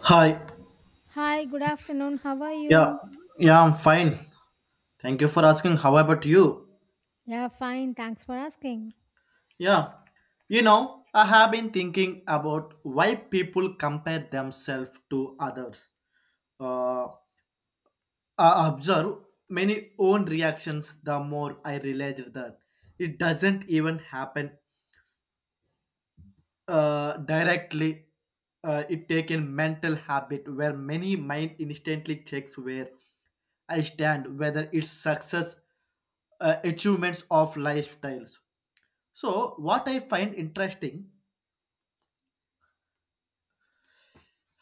Hi. Hi, good afternoon. How are Yeah. you? Yeah, I'm fine. Thank you for asking. How about you? Yeah, fine. Thanks for asking. Yeah. You know, I have been thinking about why people compare themselves to others. Uh, I observe many own reactions the more I realized that it doesn't even happen directly. It taken mental habit where many mind instantly checks where I stand, whether it's success, achievements of lifestyles. So, what I find interesting,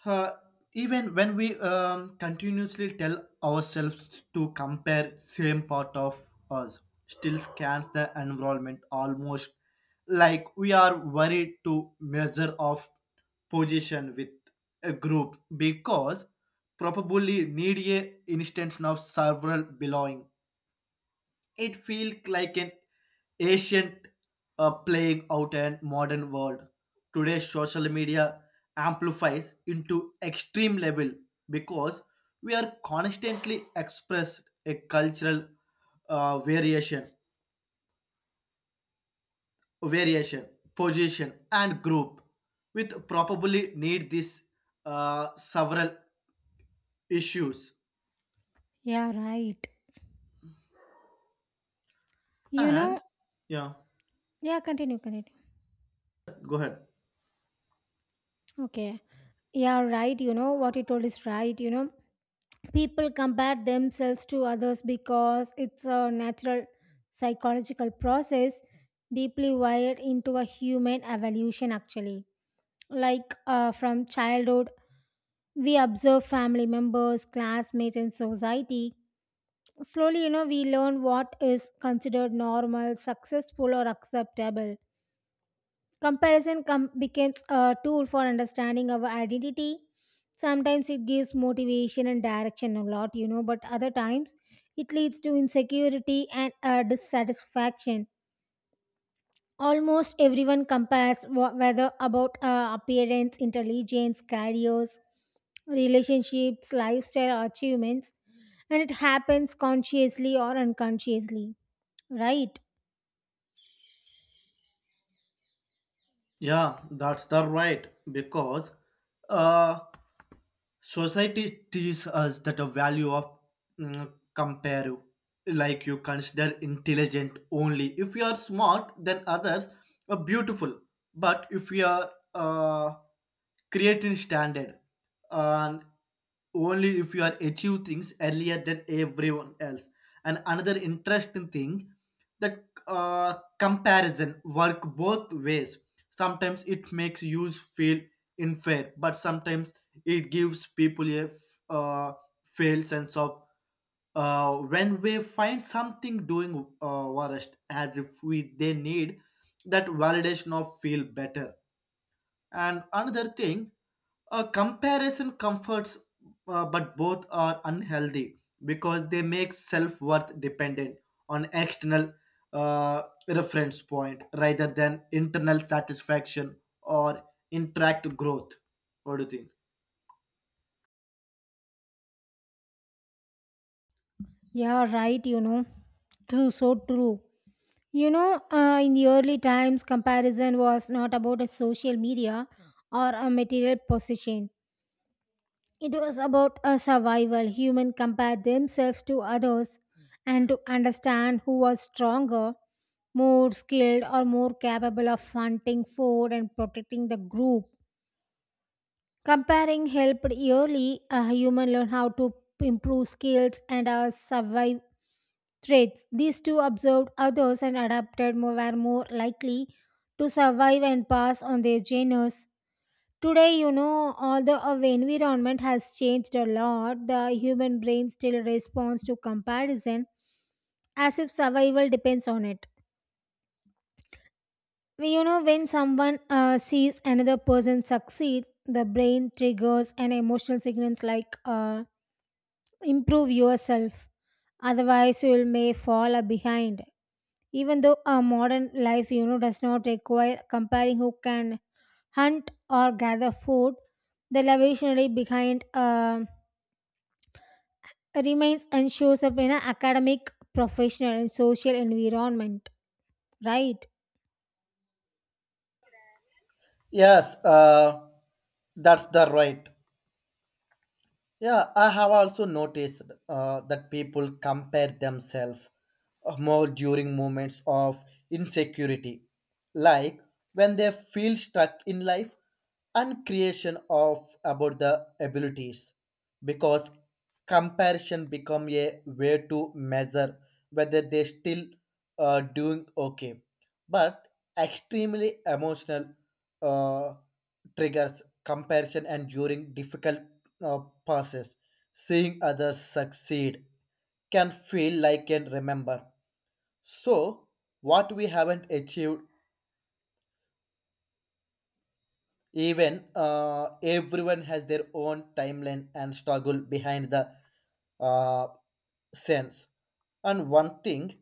uh, even when we continuously tell ourselves to compare same part of us, still scans the environment almost like we are worried to measure of position with a group because probably need a instance of several belonging. It feels like an ancient playing out in modern world. Today, social media amplifies into extreme level because we are constantly expressed a cultural variation, variation, position, and group, with probably need this several issues. Yeah, right. You know, And yeah, yeah, continue, continue. go ahead. Okay. Yeah, right. What you told is right. People compare themselves to others because it's a natural psychological process deeply wired into a human evolution, actually. Like from childhood, we observe family members, classmates, and society. Slowly, we learn what is considered normal, successful, or acceptable. Becomes a tool for understanding our identity. Sometimes it gives motivation and direction a lot, but other times it leads to insecurity and dissatisfaction. Almost everyone compares whether about appearance, intelligence, careers, relationships, lifestyle, or achievements, and it happens consciously or unconsciously. Right? Yeah, that's the right because uh, society teaches us that the value of compare, like you consider intelligent only. If you are smart, than others are beautiful. But if you are creating standard, and only if you are achieve things earlier than everyone else, and another interesting thing that comparison work both ways. Sometimes it makes you feel unfair, but sometimes it gives people a fail sense of when we find something doing worst as if we they need that validation of feel better. And another thing, a comparison comforts, but both are unhealthy because they make self worth dependent on external uh, reference point rather than internal satisfaction or interact growth. What do you think? Yeah, right, you know. True, so true. You know, in the early times, comparison was not about a social media or a material possession. It was about a survival. Humans compared themselves to others and to understand who was stronger, more skilled, or more capable of hunting food and protecting the group. Comparing helped early a human learn how to improve skills and survive traits. These two observed others and adapted more were more likely to survive and pass on their genus. Today, although our environment has changed a lot, the human brain still responds to comparison as if survival depends on it. You know, when someone sees another person succeed, the brain triggers an emotional signals like improve yourself, otherwise, you may fall behind. Even though a modern life, does not require comparing who can hunt or gather food, the evolutionary behind remains and shows up in an academic, professional, and social environment. Right? Yes, that's the right. Yeah, I have also noticed that people compare themselves more during moments of insecurity, like when they feel stuck in life and creation of about the abilities, because comparison become a way to measure whether they still doing okay. But extremely emotional uh, triggers comparison, and during difficult uh, passes, seeing others succeed can feel like and remember. So, what we haven't achieved, even everyone has their own timeline and struggle behind the uh, sense. And one thing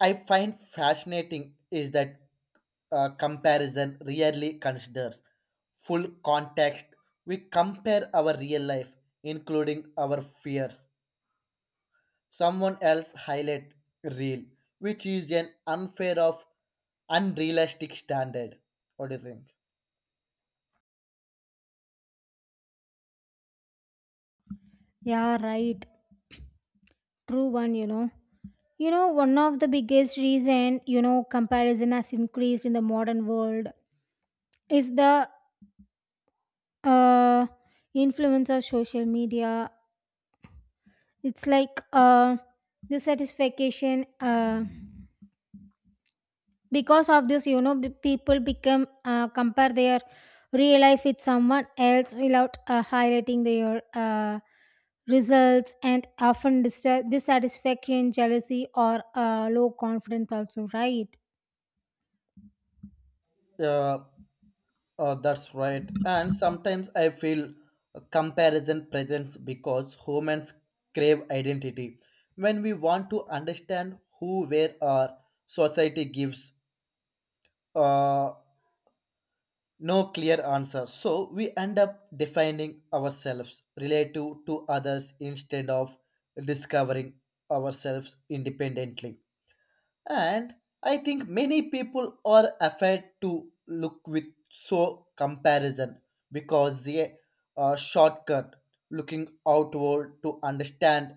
I find fascinating is that comparison rarely considers full context. We compare our real life, including our fears someone else highlight reel, which is an unfair of unrealistic standard. What do you think? Yeah, right. True one, you know. One of the biggest reason, comparison has increased in the modern world is the uh, influence of social media. It's like the satisfaction. Because of this, people become compare their real life with someone else without highlighting their results, and often dissatisfaction, jealousy, or low confidence also, right? Uh, that's right. And sometimes I feel comparison presence because humans crave identity. When we want to understand who, where our society gives, uh, no clear answer, so we end up defining ourselves relative to others instead of discovering ourselves independently. And I think many people are afraid to look with so comparison because the shortcut looking outward to understand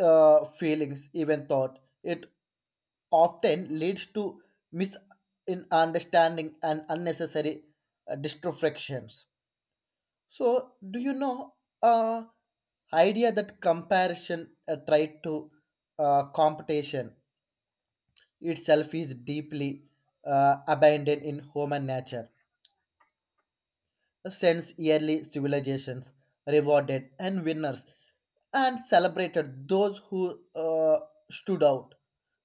feelings, even thought it often leads to misunderstanding and unnecessary distractions. So, do you know uh, idea that comparison tried to competition itself is deeply abandoned in human nature since early civilizations rewarded and winners and celebrated those who stood out.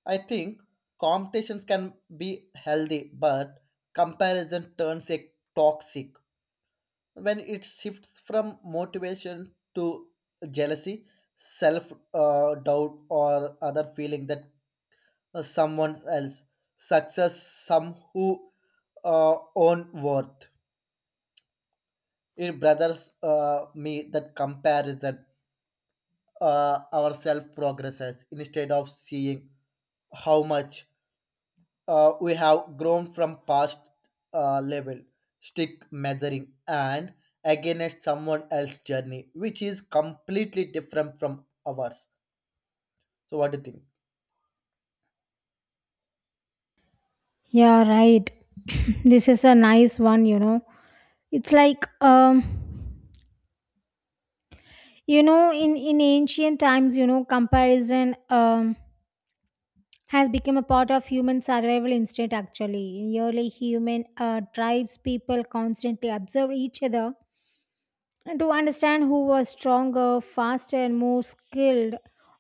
I think competitions can be healthy, but comparison turns it toxic when it shifts from motivation to jealousy, self doubt, or other feeling that someone else success, some who own worth. It brothers me that comparison our self progresses instead of seeing how much we have grown from past level stick measuring and against someone else's journey, which is completely different from ours. So what do you think? Yeah, right. This is a nice one, you know. It's like you know, in ancient times, you know, comparison has become a part of human survival instinct, actually. In early human tribes, people constantly observed each other and to understand who was stronger, faster, and more skilled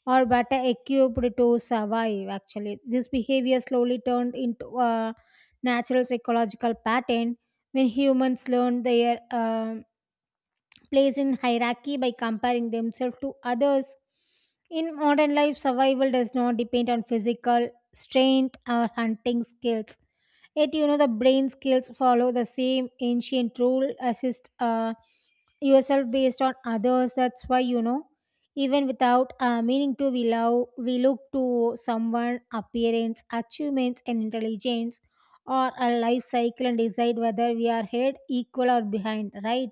or better equipped to survive. Actually, this behavior slowly turned into a natural psychological pattern when humans learned their place in hierarchy by comparing themselves to others. In modern life, survival does not depend on physical strength or hunting skills. Yet, you know, the brain skills follow the same ancient rule assist yourself based on others. That's why, you know, even without meaning to, we, love, we look to someone appearance, achievements, and intelligence or a life cycle and decide whether we are ahead, equal, or behind, right?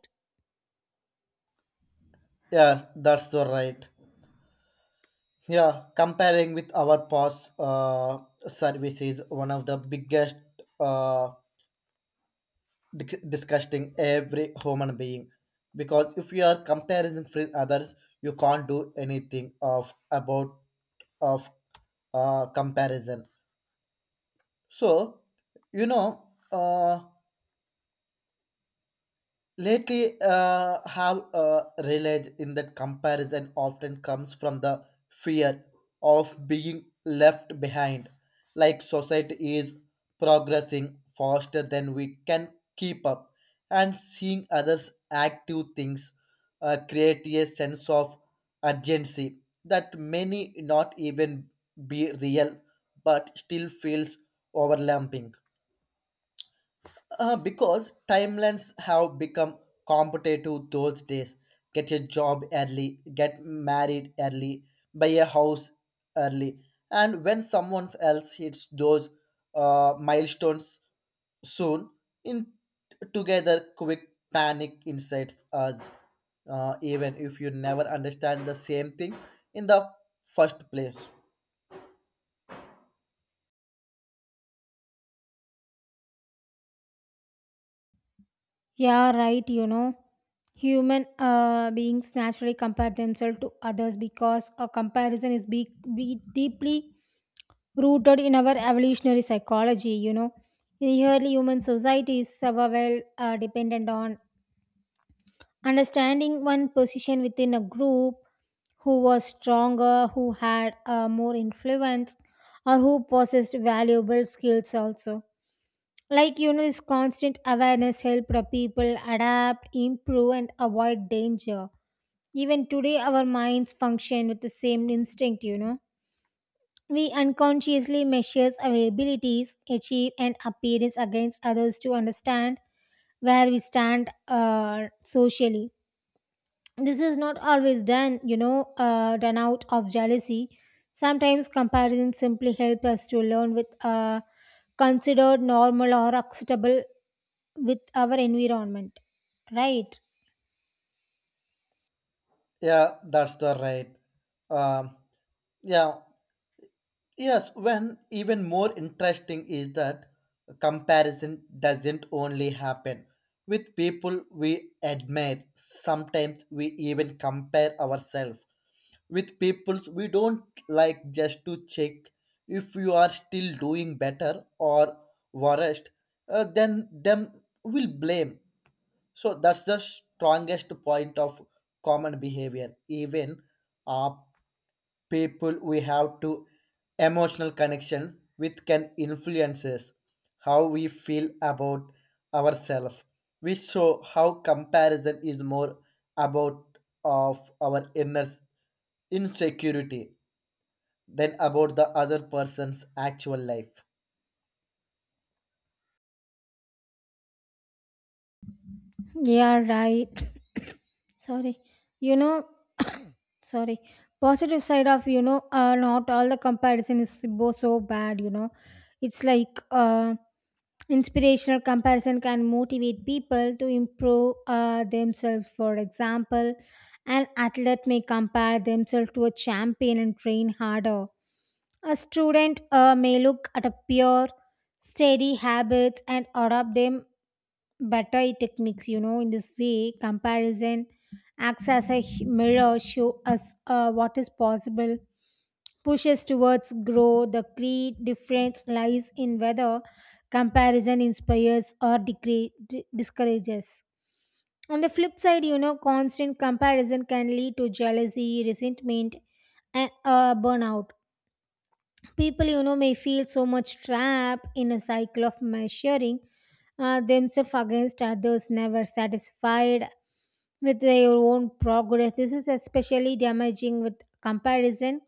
Yes, that's the right. Yeah, comparing with our past service is one of the biggest uh, disgusting every human being, because if you are comparing with others, you can't do anything of about of comparison. So, you know, lately have realized in that comparison often comes from the fear of being left behind. Like society is progressing faster than we can keep up, and seeing others active things create a sense of urgency that many not even be real, but still feels overwhelming. Because timelines have become competitive those days. Get a job early, get married early, buy a house early. And when someone else hits those milestones soon, in together, quick panic incites us, even if you never understand the same thing in the first place. Yeah, right. Human beings naturally compare themselves to others because a comparison is be deeply rooted in our evolutionary psychology. You know, in early human societies were well dependent on understanding one position within a group, who was stronger, who had more influence, or who possessed valuable skills also. Like, you know, this constant awareness help the people adapt, improve, and avoid danger. Even today our minds function with the same instinct, you know. We unconsciously measures our abilities, achieve, and appearance against others to understand where we stand socially. This is not always done, you know, done out of jealousy. Sometimes comparison simply help us to learn with considered normal or acceptable with our environment, right? Yeah, that's the right. Um, yeah, Yes, when even more interesting is that comparison doesn't only happen with people we admire. Sometimes we even compare ourselves with people we don't like just to check if you are still doing better or worse. Then them will blame. So that's the strongest point of common behavior. Even uh, people we have to emotional connection with can influences how we feel about ourselves. We show how comparison is more about of our inner insecurity than about the other person's actual life. Yeah, right. Sorry. You know. Sorry. Positive side of, you know, not all the comparison is so bad, you know. It's like inspirational comparison can motivate people to improve themselves. For example, an athlete may compare themselves to a champion and train harder. A student may look at a pure, steady habits and adopt them better techniques. You know, in this way comparison acts as a mirror, show us what is possible, pushes towards grow. The key difference lies in whether comparison inspires or discourages. On the flip side, you know, constant comparison can lead to jealousy, resentment, and burnout. People, you know, may feel so much trapped in a cycle of measuring themselves against others, never satisfied with their own progress. This is especially damaging with comparison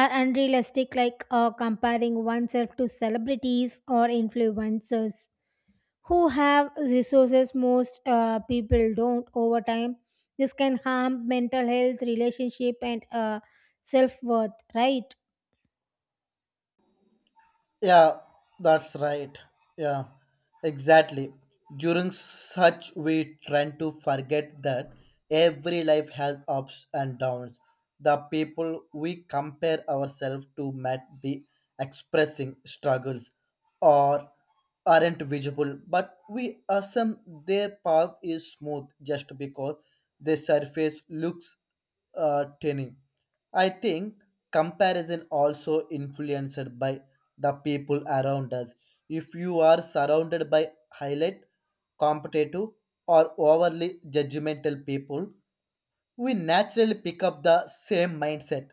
are unrealistic, like comparing oneself to celebrities or influencers who have resources most people don't. Over time this can harm mental health, relationship, and self-worth, right? Yeah, that's right. Yeah, exactly. During such, we tend to forget that every life has ups and downs. The people we compare ourselves to might be expressing struggles or aren't visible, but we assume their path is smooth just because their surface looks tiny. I think comparison also influenced by the people around us. If you are surrounded by highlight, competitive, or overly judgmental people, we naturally pick up the same mindset,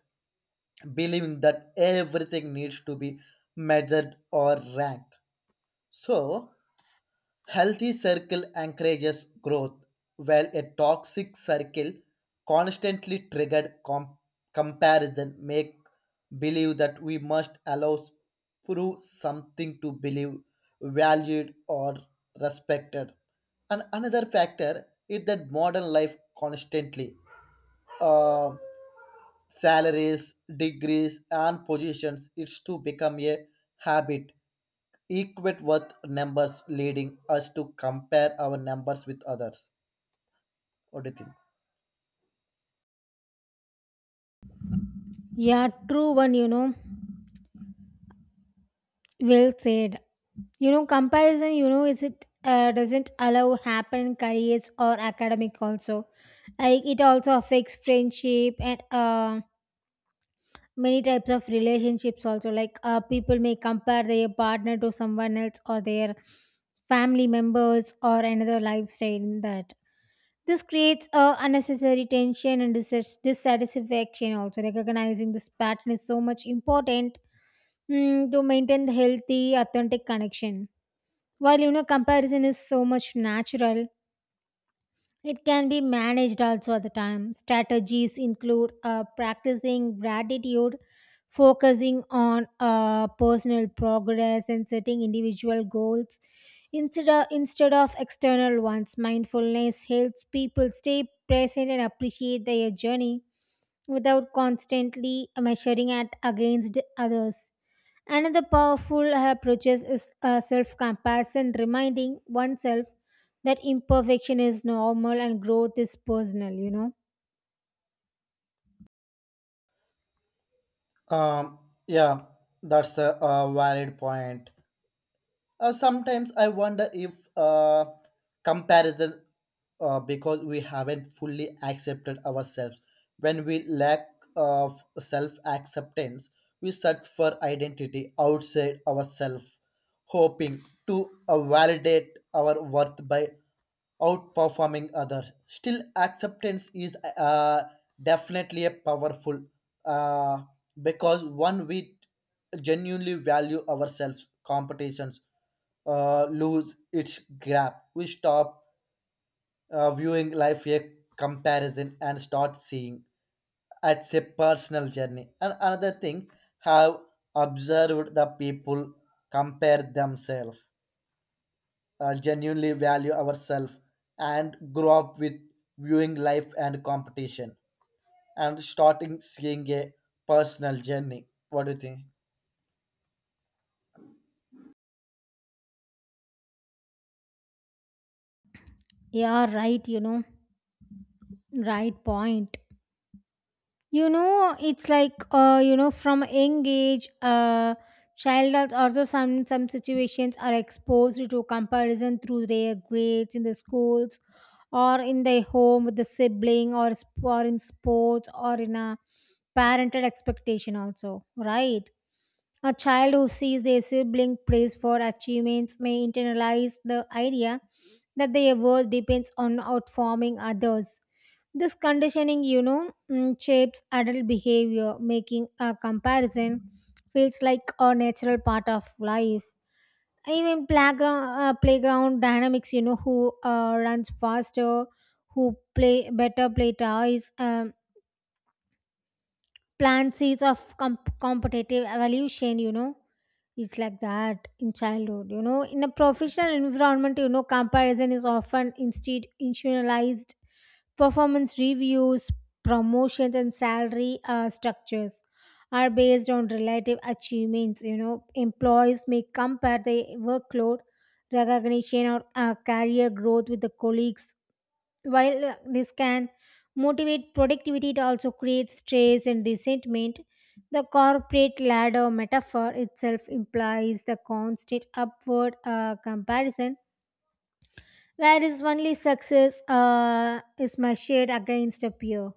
believing that everything needs to be measured or ranked. So, healthy circle encourages growth, while a toxic circle constantly triggered comparison make believe that we must allow prove something to believe valued or respected. And another factor is that modern life constantly uh, salaries, degrees, and positions is to become a habit equate worth numbers leading us to compare our numbers with others. What do you think? Yeah, true one, you know. Well said. You know, comparison, you know, is it doesn't allow happen careers or academic also. Like it also affects friendship and many types of relationships also, like people may compare their partner to someone else or their family members or another lifestyle in that. This creates a unnecessary tension and dissatisfaction also. Recognizing this pattern is so much important, to maintain the healthy authentic connection. While, you know, comparison is so much natural, it can be managed also at the time. Strategies include practicing gratitude, focusing on personal progress, and setting individual goals instead of external ones. Mindfulness helps people stay present and appreciate their journey without constantly measuring it against others. Another powerful approach is self compassion, reminding oneself that imperfection is normal and growth is personal, you know. um yeah that's a valid point. Sometimes I wonder if comparison, because we haven't fully accepted ourselves. When we lack of self acceptance, we search for identity outside ourselves, hoping to validate our worth by outperforming others. Still, acceptance is definitely a powerful uh, because one with genuinely value ourselves, competitions lose its grab. We stop viewing life a comparison and start seeing it's a personal journey. And another thing, have observed the people compare themselves, genuinely value ourselves, and grow up with viewing life and competition, and starting seeing a personal journey. What do you think? Yeah, right, you know. Right point. You know, it's like you know, from a young age, child also some situations are exposed to comparison through their grades in the schools or in their home with the sibling, or in sports or in a parental expectation also, right? A child who sees their sibling praised for achievements may internalize the idea that their worth depends on outperforming others. This conditioning, you know, shapes adult behavior, making a comparison feels like a natural part of life. Even playground dynamics, you know, who runs faster, who play better, play toys, plant seeds of competitive evolution, you know. It's like that in childhood. You know, in a professional environment, you know, comparison is often instead institutionalized. Performance reviews, promotions, and salary structures are based on relative achievements. You know, employees may compare their workload, recognition, or career growth with the colleagues. While this can motivate productivity, it also creates stress and resentment. The corporate ladder metaphor itself implies the constant upward comparison, whereas only success is measured against a peer,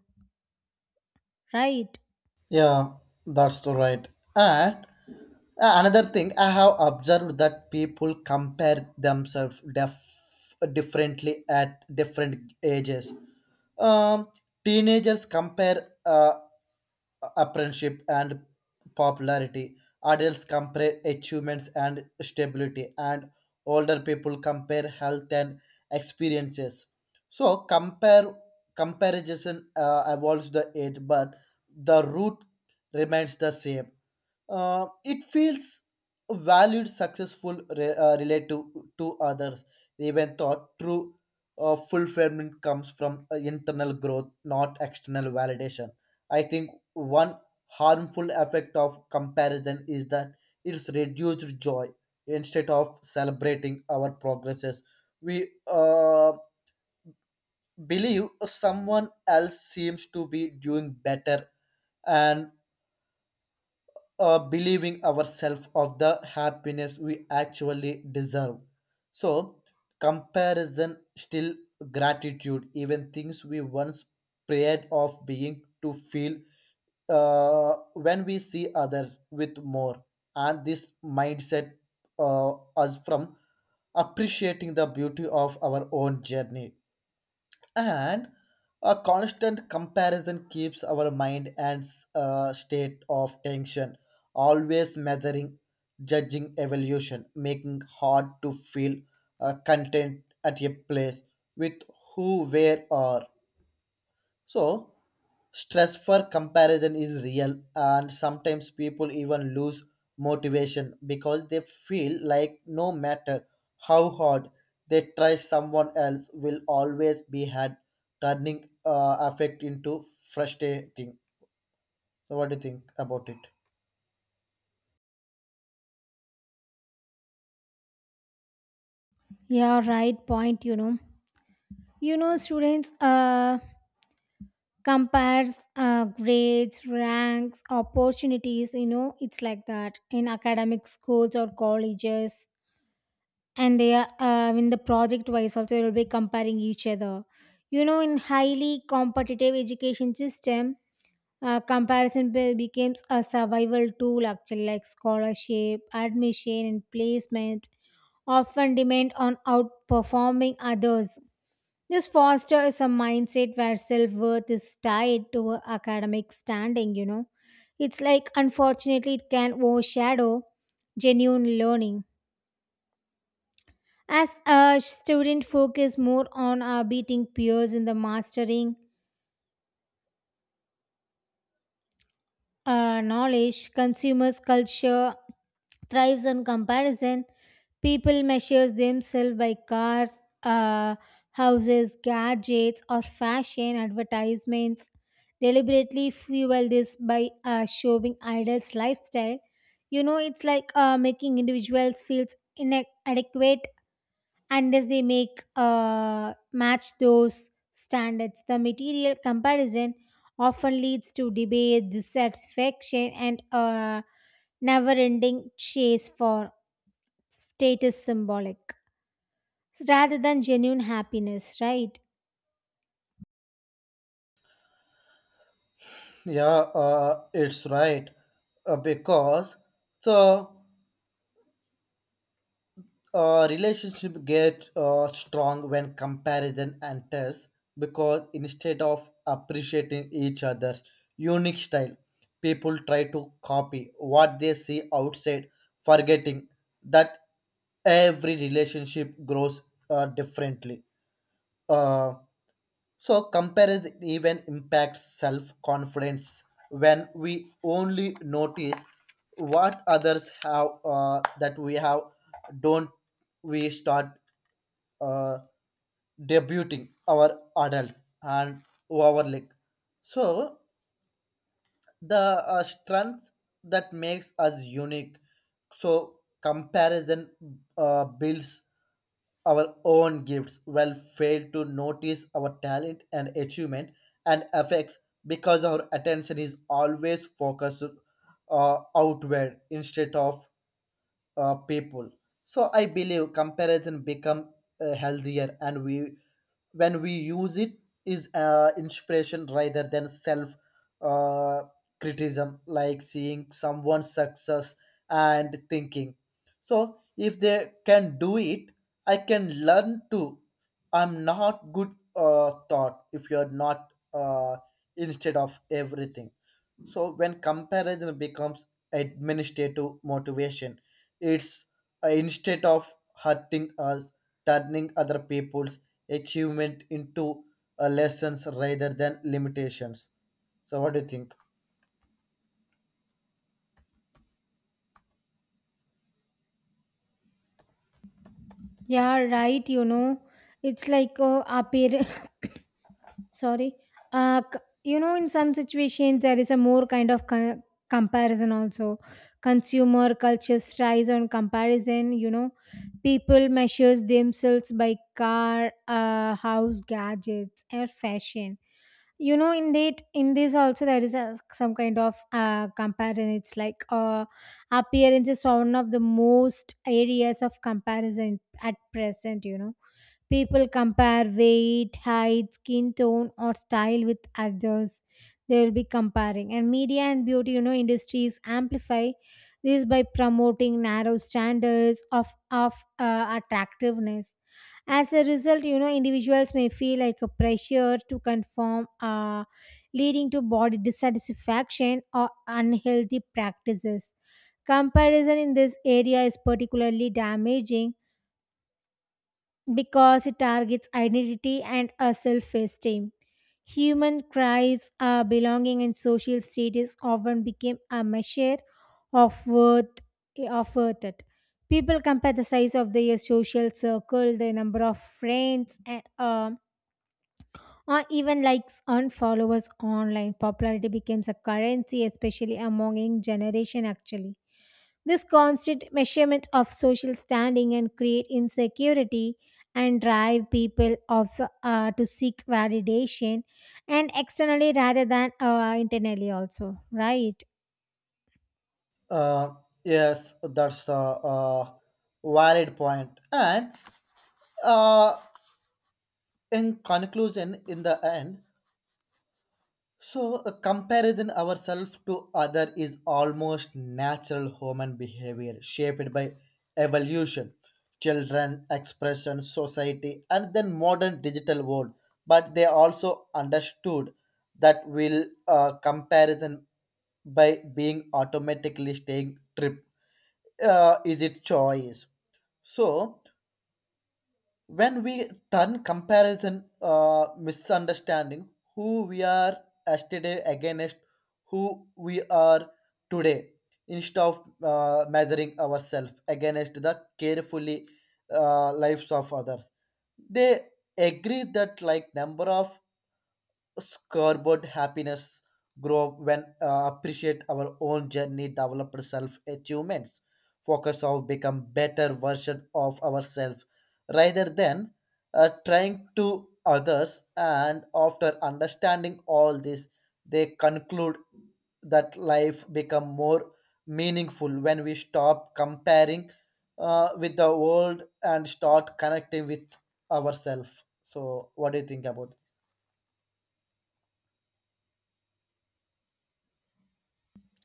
right? Yeah, that's the right. And another thing I have observed that people compare themselves differently at different ages. Um, teenagers compare apprenticeship and popularity. Adults compare achievements and stability, and older people compare health and experiences. So compare comparison evolves the age, but the root remains the same. It feels valued successful relative to others, even thought true fulfillment comes from internal growth not external validation. I think one harmful effect of comparison is that it's reduced joy. Instead of celebrating our progresses, we believe someone else seems to be doing better, and believing ourselves of the happiness we actually deserve. So, comparison still gratitude, even things we once prayed of being to feel when we see others with more. And this mindset us from appreciating the beauty of our own journey. And a constant comparison keeps our mind and a state of tension, always measuring judging evolution, making hard to feel content at a place with who where or. So, stress for comparison is real, and sometimes people even lose motivation because they feel like no matter how hard they try, someone else will always be had, turning affect into frustrating. So, what do you think about it? Yeah, right point, you know. You know, students compares grades, ranks, opportunities, you know. It's like that in academic schools or colleges, and they are in the project wise also, they will be comparing each other. You know, in highly competitive education system, comparison becomes a survival tool, actually, like scholarship, admission, and placement often depend on outperforming others. This fosters a mindset where self-worth is tied to academic standing, you know. It's like, unfortunately, it can overshadow genuine learning as a student focus more on beating peers in the mastering knowledge. Consumers culture thrives on comparison. People measure themselves by houses, gadgets, or fashion advertisements. Deliberately fuel this by showing idols' lifestyle. You know, it's like making individuals feel inadequate unless they make match those standards. The material comparison often leads to debate, dissatisfaction, and a never-ending chase for status symbolic. So, rather than genuine happiness. Right? Yeah, it's right because so. Relationship get strong when comparison enters, because instead of appreciating each other's unique style, people try to copy what they see outside, forgetting that every relationship grows differently. Uh, so comparison even impacts self-confidence. When we only notice what others have that we have don't, we start uh, debuting our adults and overlook. So the strength that makes us unique. So comparison builds our own gifts will fail to notice our talent and achievement and effects, because our attention is always focused outward instead of people. So I believe comparison become healthier, and we when we use it is inspiration rather than self uh, criticism. Like seeing someone's success and thinking, so if they can do it, I can learn too. I'm not good thought if you're not instead of everything. So when comparison becomes administrative motivation, it's instead of hurting us, turning other people's achievement into lessons rather than limitations. So what do you think? Yeah, right. You know, it's like appear. Sorry. Uh, c- you know, in some situations, there is a more kind of comparison also. Consumer culture thrives on comparison. You know, people measures themselves by house, gadgets, and fashion. You know, in that, in this also there is a some kind of comparison. It's like appearance is one of the most areas of comparison at present. You know, people compare weight, height, skin tone, or style with others. They will be comparing. And media and beauty, you know, industries amplify this by promoting narrow standards of attractiveness. As a result, you know, individuals may feel like a pressure to conform, leading to body dissatisfaction or unhealthy practices. Comparison in this area is particularly damaging because it targets identity and our self esteem. Human cries, our belonging, and social status often became a measure of worth of worth it. People compare the size of their social circle, the number of friends, and or even likes on followers online. Popularity becomes a currency, especially among young generation, actually. This constant measurement of social standing and create insecurity and drive people of to seek validation and externally rather than internally also, right? Uh, yes, that's a valid point. And uh, in conclusion, in the end, so, a comparison ourselves to other is almost natural human behavior shaped by evolution, children, expression, society, and then modern digital world. But they also understood that will comparison by being automatically staying trip is it choice. So when we turn comparison misunderstanding who we are yesterday against who we are today instead of measuring ourselves against the carefully lives of others, they agree that like number of scoreboard happiness grow when appreciate our own journey develop self achievements focus on become better version of ourselves rather than trying to others. And after understanding all this, they conclude that life become more meaningful when we stop comparing with the world and start connecting with ourselves. So what do you think about this?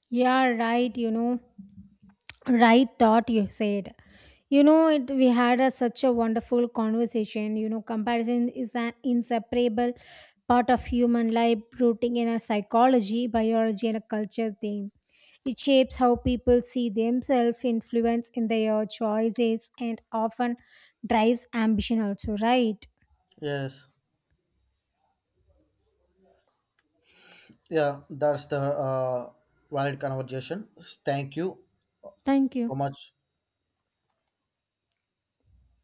Yeah, right, you know. Right thought you said. You know, it we had a such a wonderful conversation. You know, comparison is an inseparable part of human life, rooting in a psychology, biology, and a culture theme. It shapes how people see themselves, influence in their choices, and often drives ambition also, right? Yes. Yeah, that's the valid conversation. Thank you Thank you. so much.